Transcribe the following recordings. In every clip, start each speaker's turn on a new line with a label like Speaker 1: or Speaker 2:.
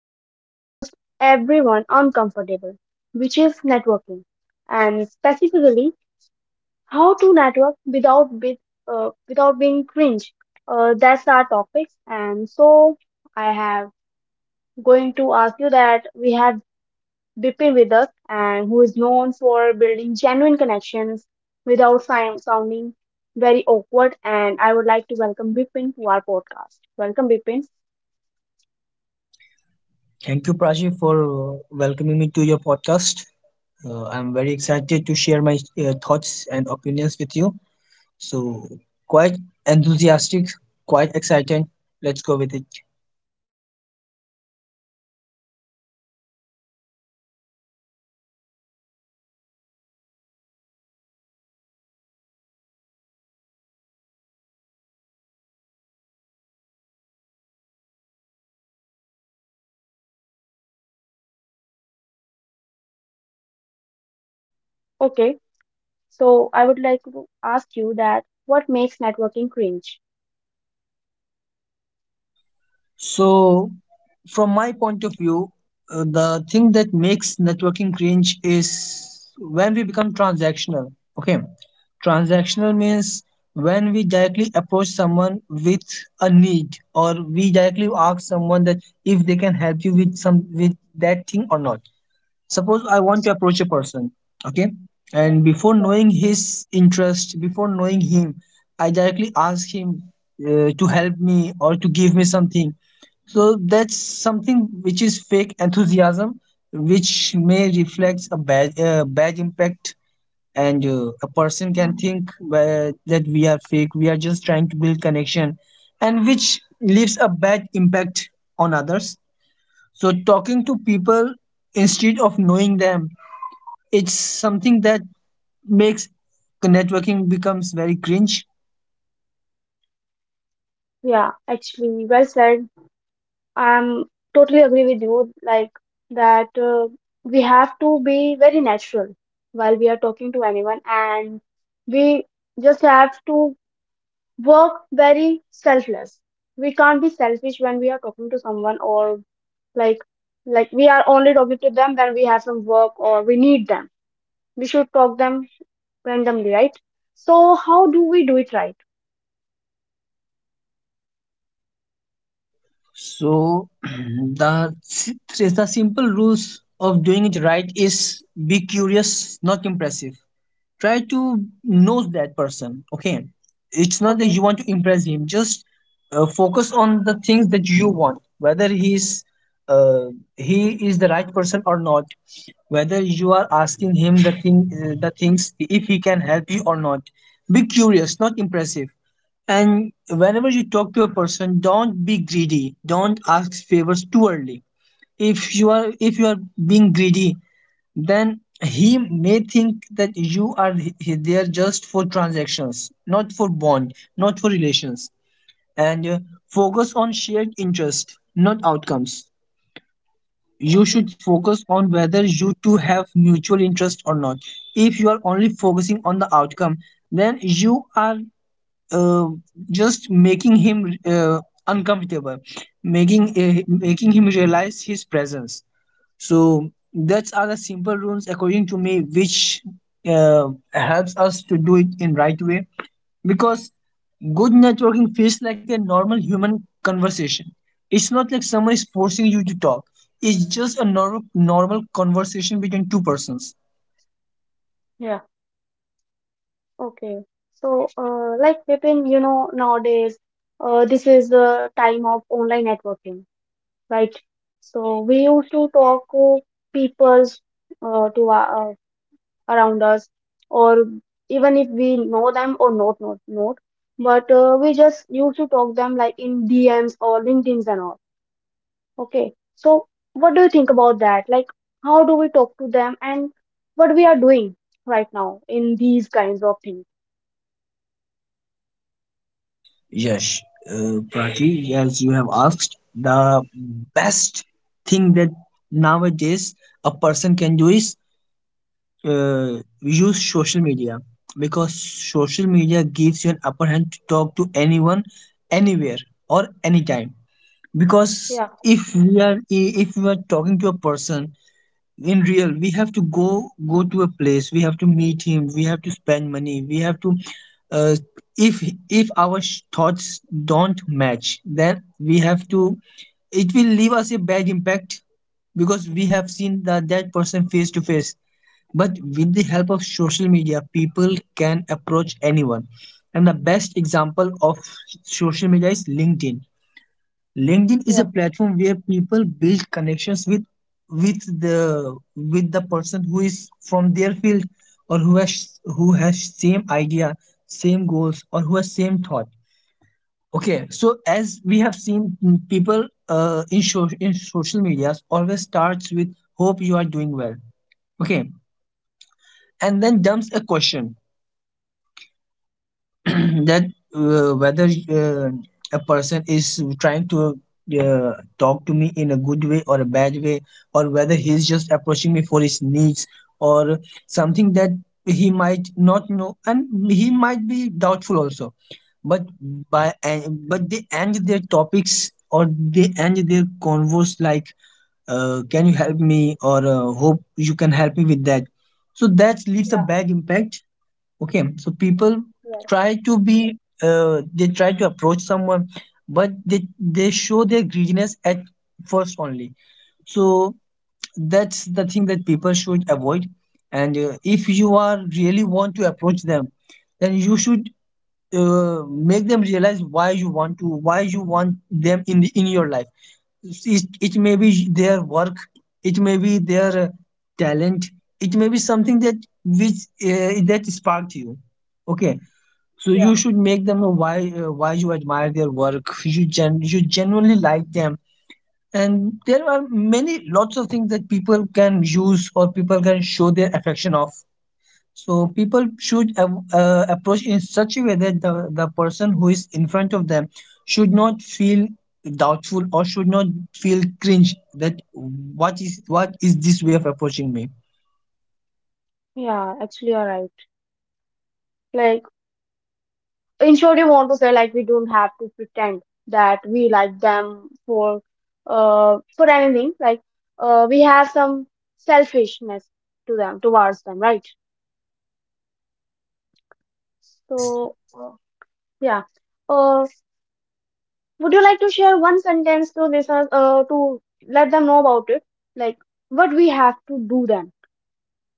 Speaker 1: Makes almost everyone uncomfortable, which is networking, and specifically how to network without without being cringe. That's our topics. And so I have going to ask you that we have Bipin with us, and who is known for building genuine connections without sounding very awkward. And I would like to welcome Bipin to our podcast. Welcome, Bipin.
Speaker 2: Thank you, Prachi, for welcoming me to your podcast. I'm very excited to share my thoughts and opinions with you. So, quite enthusiastic, quite excited. Let's go with it.
Speaker 1: Okay, so I would like to ask you that what makes networking cringe?
Speaker 2: So, from my point of view, the thing that makes networking cringe is when we become transactional. Okay. Transactional means when we directly approach someone with a need or we directly ask someone that if they can help you with some with that thing or not. Suppose I want to approach a person, okay?
Speaker 1: Yeah,
Speaker 2: And before
Speaker 1: yeah.
Speaker 2: knowing his interest, before knowing him, I directly ask him to help me or to give me something. So that's something which is fake enthusiasm, which may reflect a bad bad impact and a person can think that we are fake, we are just trying to build connection and which leaves a bad impact on others. So talking to people instead of knowing them, it's something that makes networking becomes very cringe.
Speaker 1: Yeah, actually, well said. I'm totally agree with you, like that we have to be very natural while we are talking to anyone, and we just have to work very selfless. We can't be selfish when we are talking to someone, or like like we are only talking to them when we have some work or we need them. We should talk them randomly, right? So how do we do it right?
Speaker 2: So the simple rules of doing it right is be curious, not impressive. Try to know that person. Okay, it's not that
Speaker 1: Okay.
Speaker 2: you want to impress him. Just focus on the things that you want, whether he's uh, he is the right person or not, whether you are asking him the things if he can help you or not. Be curious, not impressive. And whenever you talk to a person, don't be greedy, don't ask favors too early. If you are being greedy, then he may think that you are there just for transactions, not for bond, not for relations. And focus on shared interest, not outcomes. You
Speaker 1: Okay.
Speaker 2: should focus on whether you two have mutual interest or not. If you are only focusing on the outcome, then you are uh, just making him uncomfortable, making him realize his presence. So that's are the simple rules according to me, which uh, helps us to do it in right way. Because good networking feels like a normal human conversation. It's not like someone is forcing you to talk. It's just a normal conversation between two persons.
Speaker 1: Yeah. Okay, so like Vipin, you know, nowadays this is the time of online networking, right? So we used to talk to people, to our around us, or even if we know them or not, but we just used to talk them like in dms or linkedins and all. Okay, so what do you think about that? Like how do we talk to them, and what we are doing right now in these kinds of things?
Speaker 2: Yes, Prachi, as you have asked, the best thing that nowadays a person can do is use social media, because social media gives you an upper hand to talk to anyone, anywhere, or anytime. Because
Speaker 1: Yeah.
Speaker 2: if we are talking to a person in real, we have to go to a place, we have to meet him, we have to spend money, we have to uh, if thoughts don't match, then we have to, it will leave us a bad impact because we have seen that person face to face. But with the help of social media, people can approach anyone. And the best example of social media is linkedin. LinkedIn is a
Speaker 1: Yeah.
Speaker 2: platform where people build connections with with the person who is from their field, or who has same idea, same goals, or who has same thought. Okay, so as we have seen, people in social medias always starts with "Hope you are doing well." Okay, and then dumps a question that whether uh, a person is trying to uh, talk to me in a good way or a bad way, or whether he's just approaching me for his needs, or something that he might not know, and he might be doubtful also. But but they end their topics or they end their converse like, "Can you help me?" or "Hope you can help me with that." So that leaves a
Speaker 1: Yeah.
Speaker 2: bad impact. Okay, so people
Speaker 1: Yeah.
Speaker 2: try to be they try to approach someone, but they show their greediness at first only. So that's the thing that people should avoid. And if you are really want to approach them, then you should uh, make them realize why you want them in your life. It may be their work, it may be their talent, it may be something that which that sparked you. Okay, so
Speaker 1: Yeah.
Speaker 2: you should make them know why you admire their work. You genuinely like them, and there are many lots of things that people can use or people can show their affection of. So people should approach in such a way that the person who is in front of them should not feel doubtful or should not feel cringe that what is this way of approaching me?
Speaker 1: Yeah, actually you're right. Like, in short, you want to say, like, we don't have to pretend that we like them for anything. Like, we have some selfishness to them, towards them, right?
Speaker 2: Yes.
Speaker 1: So yeah, uh would you like to share one sentence to listeners, to let them know about it? Like what we have to do then?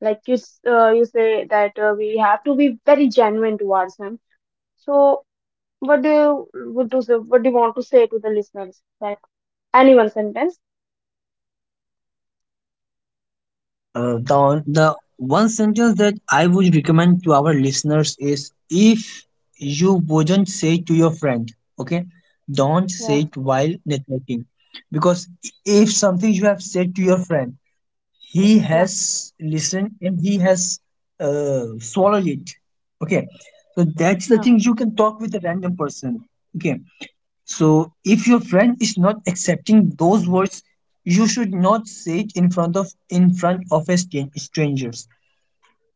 Speaker 1: Like, you say that we have to be very genuine towards them. So what do you would do, what do you want to say to the listeners that— any one sentence.
Speaker 2: The the one sentence that I would recommend to our listeners is, if you wouldn't say to your friend, okay, don't
Speaker 1: Yeah.
Speaker 2: say it while networking, because
Speaker 1: Mhm.
Speaker 2: if something you have said to your friend, he
Speaker 1: Yeah.
Speaker 2: has listened and he has swallowed it, okay. So that's the
Speaker 1: Yeah.
Speaker 2: thing you can talk with a random person, okay. So, if your friend is not accepting those words, you should not say it in front of a strangers.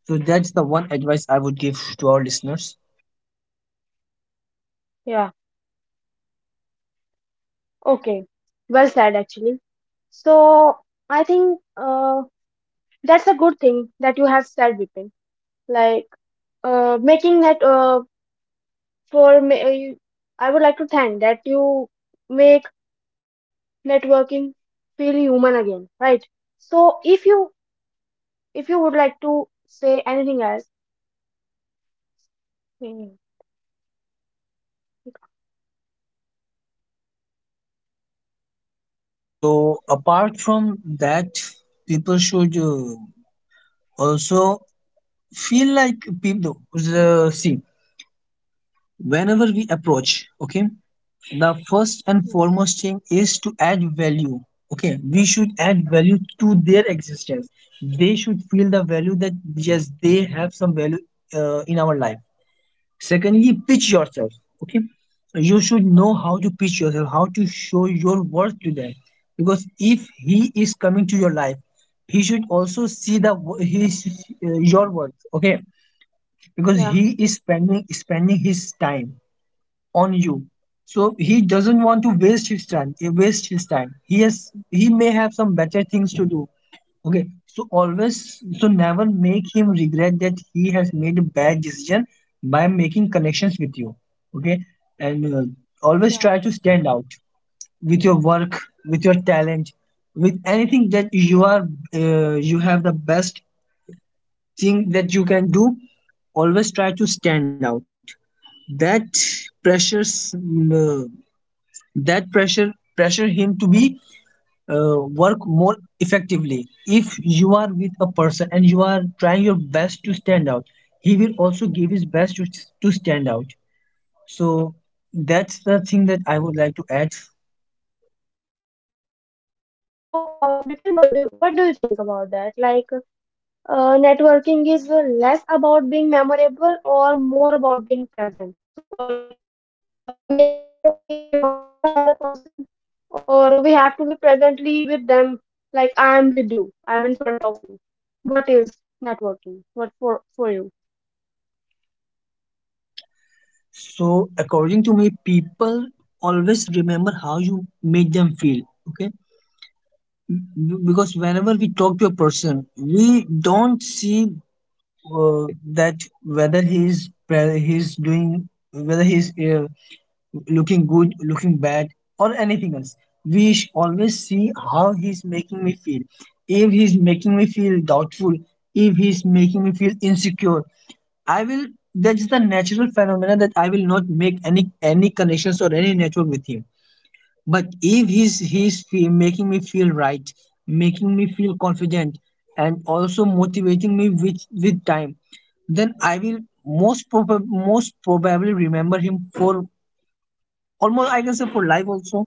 Speaker 2: So that's the one advice I would give to our listeners.
Speaker 1: Yeah, okay. Well said, actually. So I think that's a good thing that you have said, Vipin. Like, making that for me. You- I would like to thank that you make networking feel human again, right? So if you, if you would like to say anything else. Mm.
Speaker 2: So apart from that, people should also feel like people. See, whenever we approach, okay, the first and
Speaker 1: Mm.
Speaker 2: foremost thing is to add value. Okay, we should add value to their existence, they should feel the value that yes, they have some value in our life. Secondly, pitch yourself. Okay, you should know how to pitch yourself, how to show your worth to them, because if he is coming to your life, he should also see the his your worth. Okay, because
Speaker 1: Yeah.
Speaker 2: he is spending his time on you. So he doesn't want to waste his time. He has, he may have some better things to do. Okay. So always, so never make him regret that he has made a bad decision by making connections with you. Okay. And always
Speaker 1: Yeah.
Speaker 2: try to stand out with your work, with your talent, with anything that you are you have the best thing that you can do. Always try to stand out, that pressures mm, that pressure pressure him to be work more effectively. If you are with a person and you are trying your best to stand out, he will also give his best to stand out. So that's the thing that I would like to add.
Speaker 1: So, Bipin, what do you think about that? Like, networking is less about being memorable or more about being present. So, we have to be reminded by the person, or we have to be presently with them, like, I am with you, I'm in front of you. What is networking? For you?
Speaker 2: So according to me, people always remember how you make them feel. Okay, B- because whenever we talk to a person, we don't see uh, that whether he's doing, whether he's looking good, looking bad, or anything else. Always see how he's making me feel. If he's making me feel doubtful, if he's making me feel insecure, I will. That's the natural phenomenon that I will not make any connections or any network with him. But if making me feel right, making me feel confident, and also motivating me with time, then I will most probably remember him for almost, I can say for life also.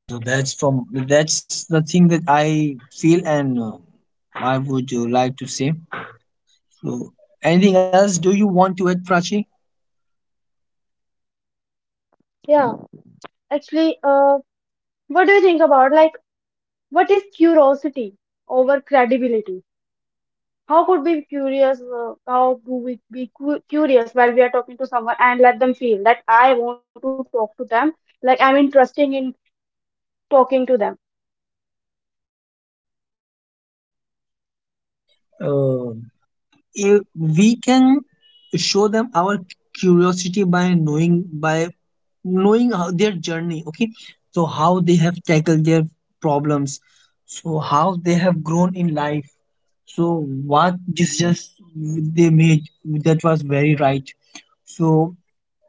Speaker 2: So that's the thing that I feel, and I would like to say. So anything else do you want to add, Prachi?
Speaker 1: Yeah, actually, what do you think about, like, what is curiosity over credibility? How could we be curious? How do we be cu curious while we are talking to someone and let them feel that I want to talk to them, like I'm interested in talking to them?
Speaker 2: Uh, if we can show them our curiosity by knowing, by knowing how their journey, okay, so how they have tackled their problems, so how they have grown in life, so what decisions they made that was very right. So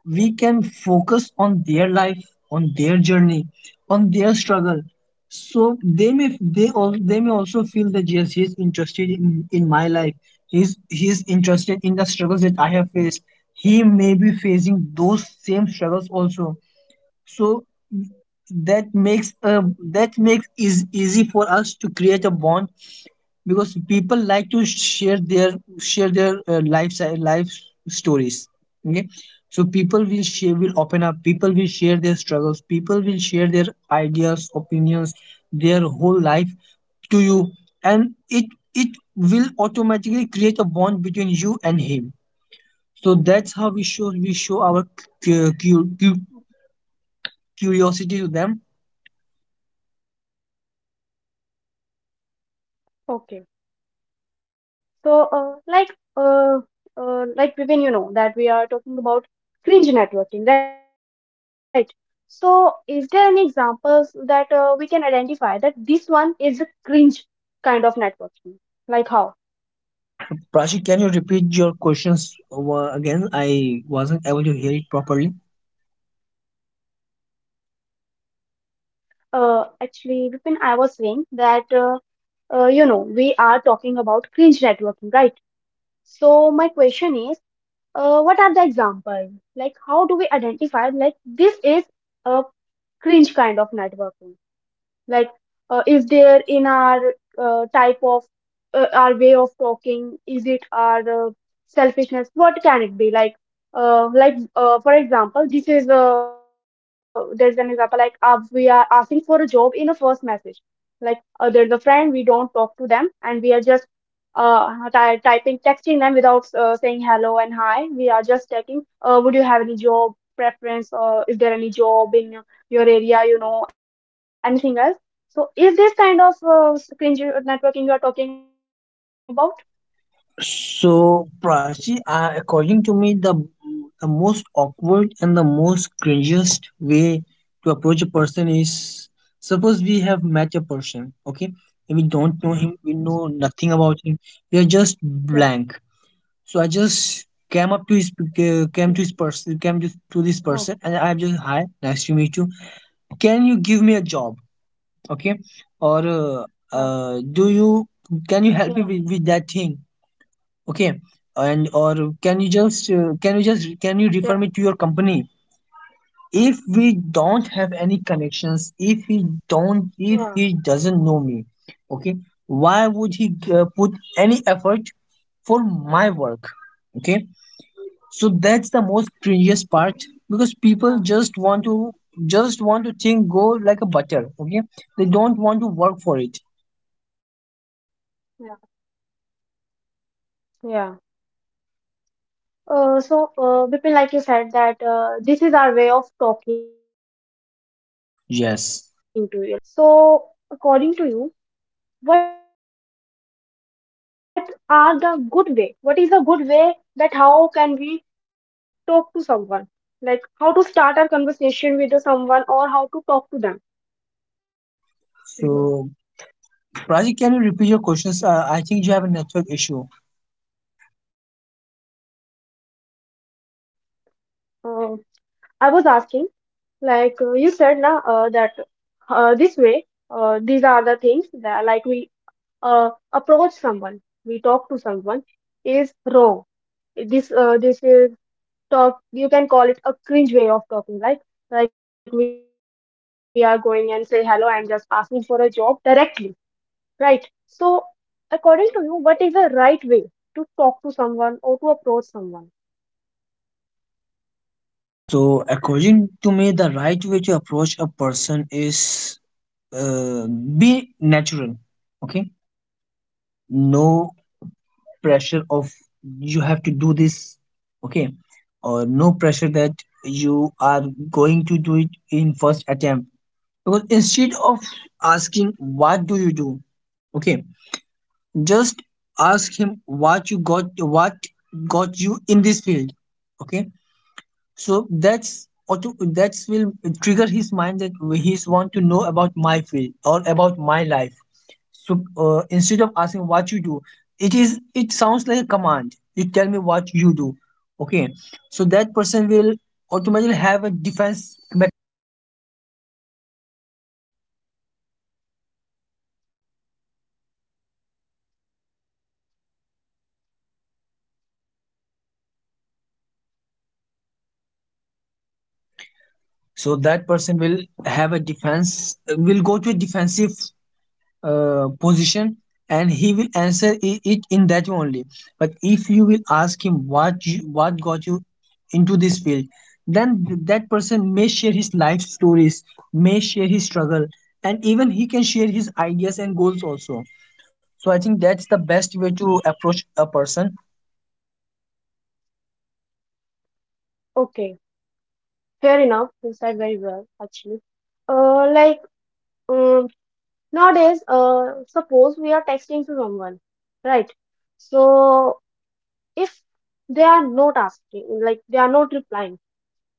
Speaker 2: we can focus on their life, on their journey, on their struggle, so they may, they all, they may also feel that yes, he's interested in my life, he's interested in the struggles that I have faced, he may be facing those same struggles also. So that makes a, that makes is easy for us to create a bond, because people like to share their life stories, okay. So people will share, will open up, people will share their struggles, people will share their ideas, opinions, their whole life to you, and it will automatically create a bond between you and him. So that's how we show our cu- cu- cu- curiosity to them.
Speaker 1: Okay. So, uh, like Vivin, you know that we are talking about cringe networking, right? So, is there any examples that we can identify that this one is a cringe kind of networking? Like how?
Speaker 2: Prashi, can you repeat your questions over again? I wasn't able to hear it properly.
Speaker 1: Actually, Vipin, I was saying that you know, we are talking about cringe networking, right? So, my question is, what are the examples? Like, how do we identify like this is a cringe kind of networking? Like, is there in our type of our way of talking? Is it our selfishness? What can it be? Like, for example, this is a there's an example like, we are asking for a job in a first message. Like, there's a friend we don't talk to them, and we are just typing, texting them without saying hello and hi. We are just checking, would you have any job preference, or is there any job in your area, you know, anything else? So is this kind of cringe networking you are talking about?
Speaker 2: So, Prachi, according to me, the most awkward and the most cringiest way to approach a person is, suppose we have met a person, okay, and we don't know him, we know nothing about him, we are just
Speaker 1: Yeah.
Speaker 2: blank. So I just came
Speaker 1: Yeah.
Speaker 2: up to his
Speaker 1: Oh,
Speaker 2: came to this person, and I'm just hi, nice to meet you. Can you give me a job, okay, or
Speaker 1: Yeah.
Speaker 2: do you
Speaker 1: Yeah.
Speaker 2: can you help me with, that thing? Okay. And or can you just can you just
Speaker 1: Yeah.
Speaker 2: can you refer me to your company if we don't have any connections, if he
Speaker 1: Yeah.
Speaker 2: don't, if he doesn't know me, okay, why would he put any effort for my work? Okay, so that's the most cringiest part because
Speaker 1: Yeah.
Speaker 2: people just want to, just want to think, go like a butter. Okay, they don't want to work for it.
Speaker 1: Yeah. Yeah. Bipin, like you said, that this is our way of talking to you. Like, this is our way to
Speaker 2: Yes.
Speaker 1: anyone. So, according to you, what are the good way? What is a good way that how can we talk to someone? Like, how to start our conversation with the someone, or how to talk to them?
Speaker 2: So Praji, can you repeat your questions? I think you have a network issue.
Speaker 1: Uh, I was asking, like, you said now that this way, these are the things that, like, we uh, approach someone, we talk to someone, is wrong. This is talk you can call it a cringe way of talking, right? Like, we are going and say hello, I'm just asking for a job directly, right? So, according to you, what is the right way to talk to someone or to approach someone?
Speaker 2: So, according to me, the right way to approach a person is uh, be natural. Okay, no pressure of you have to do this. Okay, or no pressure that you are going to do it in first attempt. Because instead of asking what do you do, okay, just ask him what you got, what got you in this field. Okay, so that's will trigger his mind that he's want to know about my field or about my life. So instead of asking what you do, it sounds like a command. You tell me what you do. Okay. So that person will automatically have a defense. So that person will have a defense, will go to a defensive position, and he will answer it in that way only. But if you will ask him what you, what got you into this field, then that person may share his life stories, may share his struggle, and even he can share his ideas and goals also. So I think that's the best way to approach a person.
Speaker 1: Okay, fair enough. You said very well actually. uh, like um, Nowadays, suppose we are texting to someone, right? So if they are not asking, like they are not replying,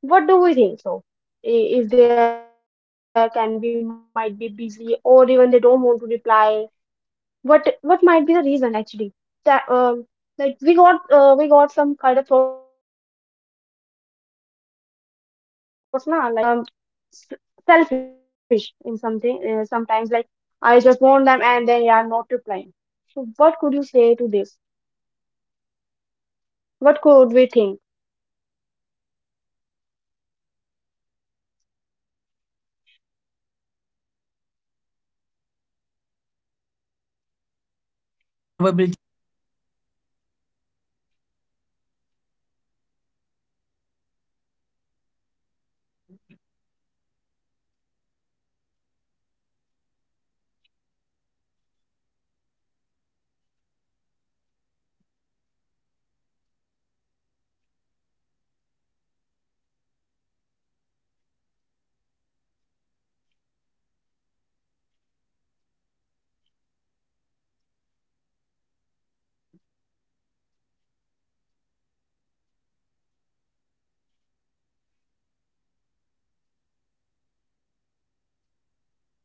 Speaker 1: what do we think? So if they are, can be might be busy, or even they don't want to reply, what might be the reason actually? That like we got, we got some kind of thoughts now, like how— why he is not replying, or we just become s- selfish in something sometimes, like I just want them and then you are not replying. So what could you say to this,
Speaker 2: so my
Speaker 1: what could we
Speaker 2: uh,
Speaker 1: think?
Speaker 2: so my take on this is that if a person is not replying you, okay, so it uh, may the most common probability may be that you are sending voice notes or you are sending long messages. People have no time in, on social media people want everything quick. Okay, people don't want to waste their time reading 100 words paragraph, 200 words of paragraph. Okay, so just you should make your message in such a way that it is short, genuine appreciation, to the point, and a soft closure. Okay, you don't have to write dms of 100, 200 words. You don't have to mail him again and again.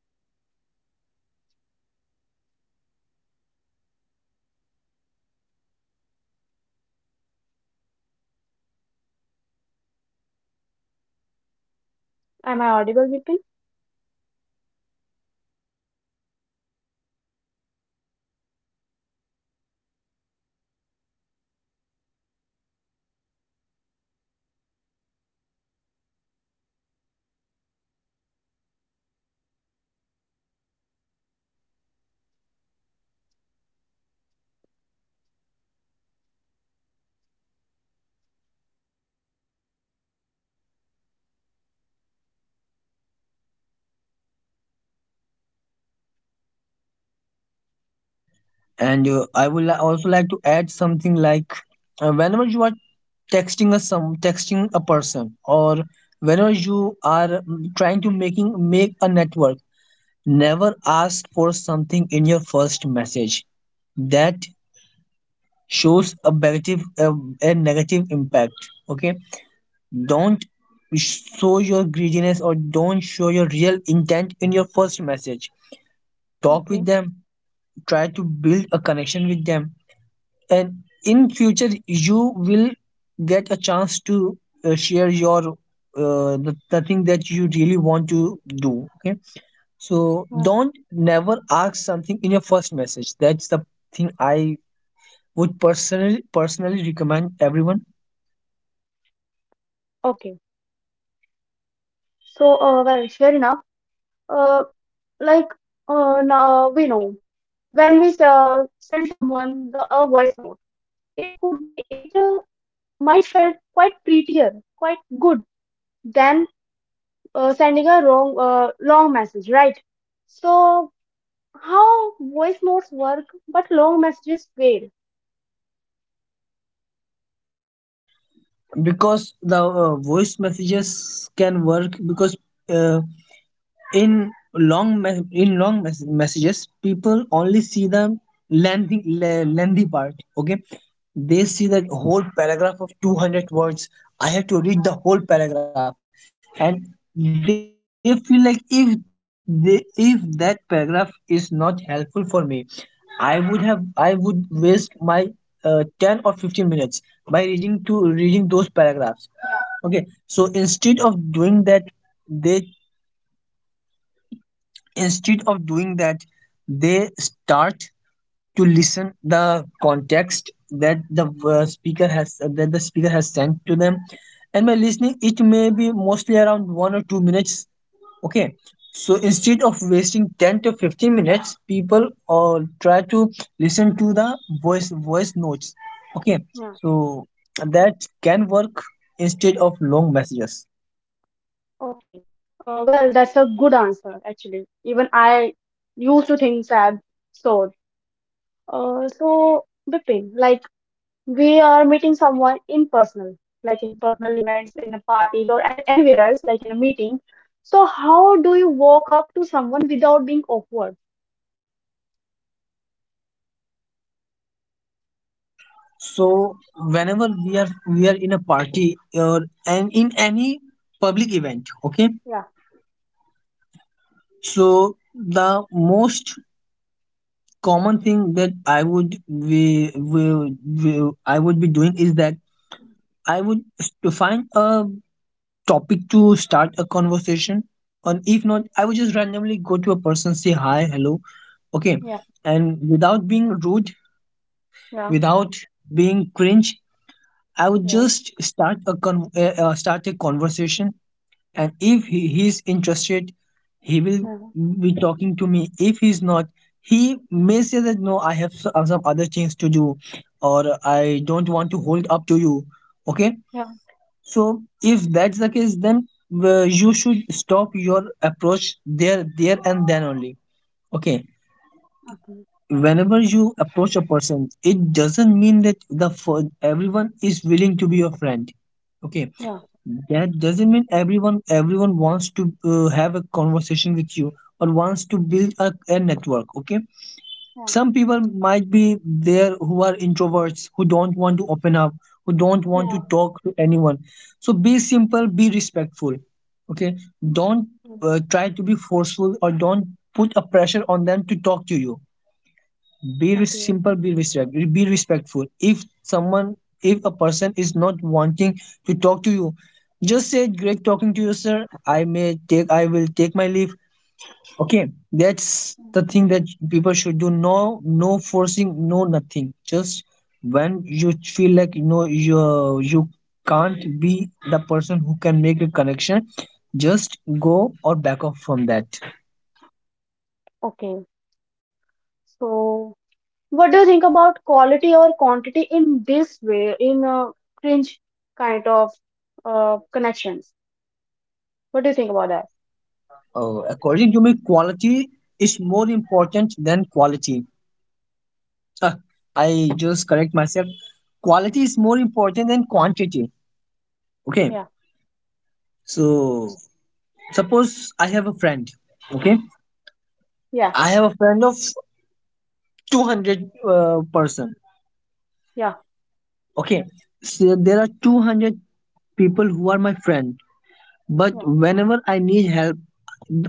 Speaker 2: Just mail him once or twice. If that person has a time, he will review your content, he will study, if he's interested he will reply to you. And if he's not replying to your dm or...
Speaker 1: Am I audible,
Speaker 2: Yes, you
Speaker 1: Vipin?
Speaker 2: are audible. So if a person is not replying to your text or to your messages, it may be a chance that you are doing it in a wrong way, or your approach has some default on in it. So you should correct your approach. That's the point I have. And I will also like to add something like whenever you are texting a person, or whenever you are trying to making make a network, never ask for something in your first message. That shows a negative a negative impact. Okay, don't show your greediness, or don't show your real intent in your first message. Talk
Speaker 1: Okay.
Speaker 2: with them, try to build a connection with them, and in future you will get a chance to share your the thing that you really want to do. Okay, so
Speaker 1: uh,
Speaker 2: don't, never ask something in your first message. That's the thing I would personally recommend everyone.
Speaker 1: okay. So well, fair enough. uh, like, now we know when we send someone the, a voice note, it could be it might felt quite prettier, quite good than sending a wrong long message, right? So how voice notes work, but long messages fail.
Speaker 2: Because the voice messages can work because uh, in long messages people only see the lengthy part. Okay, they see that whole paragraph of 200 words. I have to read the whole paragraph, and they feel like if they, if that paragraph is not helpful for me, I would waste my 10 or 15 minutes by reading those paragraphs.
Speaker 1: Yeah.
Speaker 2: Okay, so instead of doing that, they, instead of doing that, they start to listen the context that the speaker has that the speaker has sent to them. And by listening it may be mostly around 1 or 2 minutes. Okay, so instead of wasting 10 to 15 minutes, people try to listen to the voice notes. Okay,
Speaker 1: Yeah,
Speaker 2: so that can work instead of long messages.
Speaker 1: okay. Well, that's a good answer, actually. Even I used to think sad, so. So, Bipin, like, we are meeting someone in personal, like in personal events, in a parties, or anywhere else, like in a meeting. So, how do you walk up to someone without being awkward?
Speaker 2: So whenever we are in a party or and in any public event, okay.
Speaker 1: Yeah.
Speaker 2: So the most common thing that I would we I would be doing is that I would to find a topic to start a conversation, and if not, I would just randomly go to a person, say hi, hello, okay,
Speaker 1: Yeah.
Speaker 2: and without being rude,
Speaker 1: Yeah.
Speaker 2: without being cringe, I would
Speaker 1: Yeah.
Speaker 2: just start a conversation. And if he's interested he will
Speaker 1: Yeah.
Speaker 2: be talking to me. If he's not, he may say that no, I have some other things to do, or I don't want to hold up to you. Okay,
Speaker 1: Yeah.
Speaker 2: so if that's the case, then you should stop your approach there and then only. Okay,
Speaker 1: Okay.
Speaker 2: whenever you approach a person, it doesn't mean that the everyone is willing to be your friend. Okay,
Speaker 1: Yeah.
Speaker 2: that doesn't mean everyone wants to have a conversation with you, or wants to build a network. Okay,
Speaker 1: Yeah.
Speaker 2: some people might be there who are introverts, who don't want to open up, who don't want to
Speaker 1: Yeah.
Speaker 2: talk to anyone. So be simple, be respectful. Okay, don't try to be forceful, or don't put a pressure on them to talk to you. Be re-
Speaker 1: Yeah.
Speaker 2: simple be respect Be respectful. If someone, if a person is not wanting to talk to you, just say great talking to you sir, I will take my leave. Okay, that's the
Speaker 1: Okay.
Speaker 2: thing that people should do. No, no forcing, no nothing. Just when you feel like you know you, you can't be the person who can make a connection, just go or back off from that.
Speaker 1: Okay, so what do you think about quality or quantity in this way, in a cringe kind of connections? What do you think about that?
Speaker 2: According to me, quality is more important than quality. Uh, I just correct myself. Quality is more important than quantity. Okay.
Speaker 1: Yeah,
Speaker 2: So suppose I have a friend. Okay.
Speaker 1: yeah,
Speaker 2: I have a friend of 200 person.
Speaker 1: yeah,
Speaker 2: Okay. So there are 200 people who are my friend. But
Speaker 1: yeah,
Speaker 2: whenever I need help,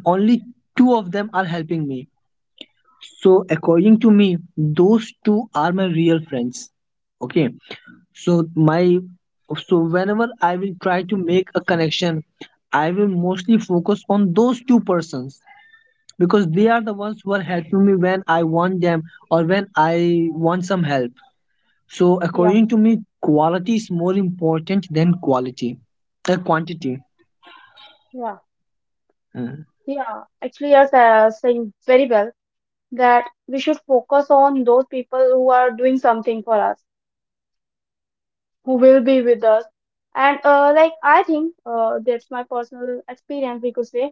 Speaker 2: only two of them are helping me. So according to me, those two are my real friends. Okay, so my so whenever I will try to make a connection, I will mostly focus on those two persons, because they are the ones who are helping me when I want them or when I want some help. So
Speaker 1: yeah,
Speaker 2: according to me, quality is more important than quality, quantity.
Speaker 1: yeah,
Speaker 2: Mm.
Speaker 1: yeah. Actually, you're saying very well that we should focus on those people who are doing something for us, who will be with us. And like I think that's my personal experience. We could say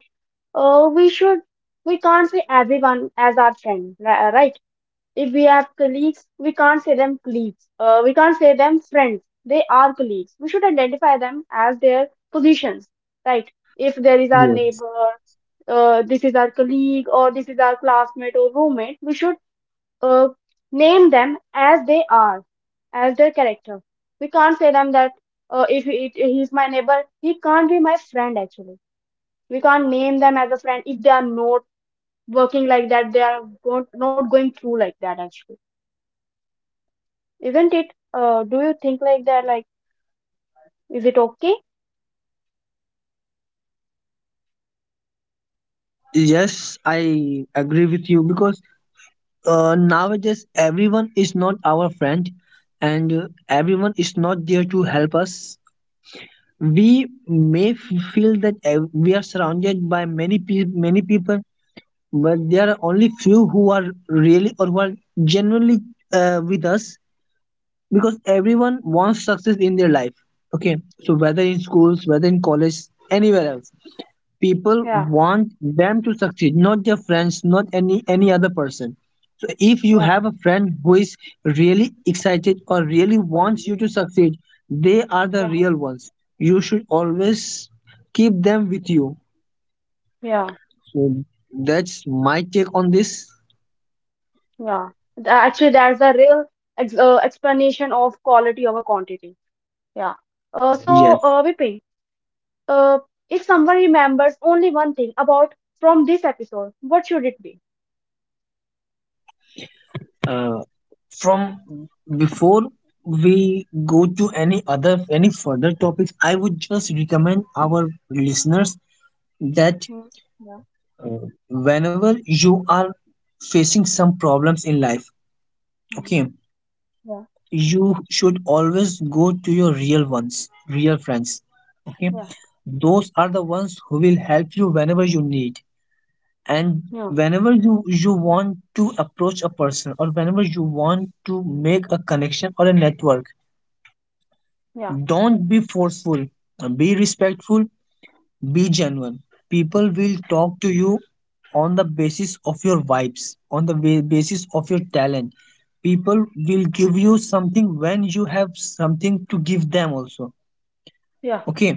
Speaker 1: we should, we can't see everyone as our friend, right? If we have colleagues, we can't say them colleagues. We can't say them friends. They are colleagues. We should identify them as their positions, right? If there is our
Speaker 2: Yes.
Speaker 1: neighbor, this is our colleague, or this is our classmate or roommate, we should uh, name them as they are, as their character. We can't say them that if he's my neighbor, he can't be my friend actually. We can't name them as a friend if they are not working like that, they are not going through like that actually. Isn't it? Do you think like that? Like, is it okay?
Speaker 2: Yes, I agree with you because nowadays everyone is not our friend, and everyone is not there to help us. We may feel that we are surrounded by many many people, but there are only few who are really, or who are genuinely with us. Because everyone wants success in their life. Okay, so whether in schools, whether in college, anywhere else, people
Speaker 1: Yeah,
Speaker 2: want them to succeed, not their friends, not any other person. So if you
Speaker 1: yeah,
Speaker 2: have a friend who is really excited, or really wants you to succeed, they are the
Speaker 1: yeah,
Speaker 2: real ones. You should always keep them with you.
Speaker 1: yeah,
Speaker 2: So that's my take on this.
Speaker 1: yeah. Actually, that's the real ex explanation of quality over quantity. Yeah.
Speaker 2: Yes.
Speaker 1: Vipin, uh, if someone remembers only one thing about from this episode, what should it be?
Speaker 2: uh, from before we go to any other, any further topics, I would just recommend our listeners that
Speaker 1: Hmm. Yeah,
Speaker 2: whenever you are facing some problems in life,
Speaker 1: yeah,
Speaker 2: okay,
Speaker 1: yeah,
Speaker 2: you should always go to your real ones, real friends. Okay,
Speaker 1: yeah,
Speaker 2: those are the ones who will help you whenever you need. And
Speaker 1: yeah,
Speaker 2: whenever you, you want to approach a person, or whenever you want to make a connection or a network, don't be forceful, be respectful. Be genuine. People will talk to you on the basis of your vibes, on the basis of your talent. People will give you something when you have something to give them also.
Speaker 1: yeah,
Speaker 2: Okay,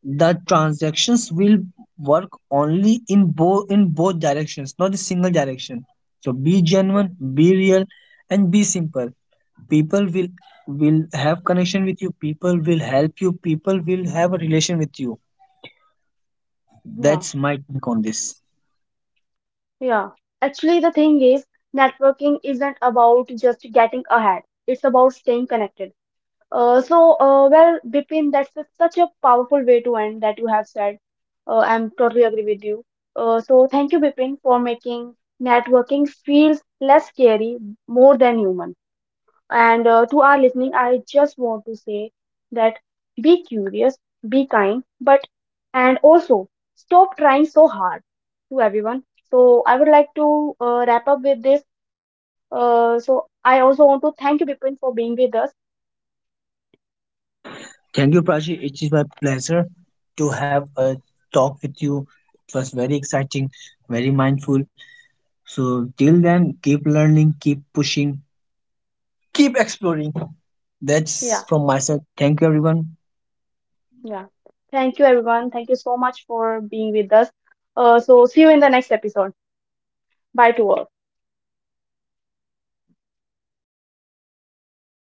Speaker 2: the transactions will work only in both, in both directions, not a single direction. So be
Speaker 1: yeah.
Speaker 2: genuine, be real, and be simple. People will have connection with you. People will help you. People will have a relation with you.
Speaker 1: Yeah,
Speaker 2: That's my take on this.
Speaker 1: yeah. Actually, the thing is, networking isn't about just getting ahead. It's about staying connected. So, well, Bipin, that's a, such a powerful way to end that you have said. I'm totally agree with you. So, thank you, Bipin, for making networking feels less scary, more than human. And to our listening, I just want to say that be curious, be kind, but and also stop trying so hard to everyone. So, I would like to wrap up with this. So, I also want to thank you, Bipin, for being with us.
Speaker 2: Thank you, Prachi. It is my pleasure to have a talk with you. It was very exciting, very mindful. So, till then, keep learning, keep pushing, keep exploring. That's
Speaker 1: Yeah.
Speaker 2: from my side. Thank you, everyone.
Speaker 1: Yeah. Thank you, everyone. Thank you so much for being with us. So, see you in the next episode. Bye to all.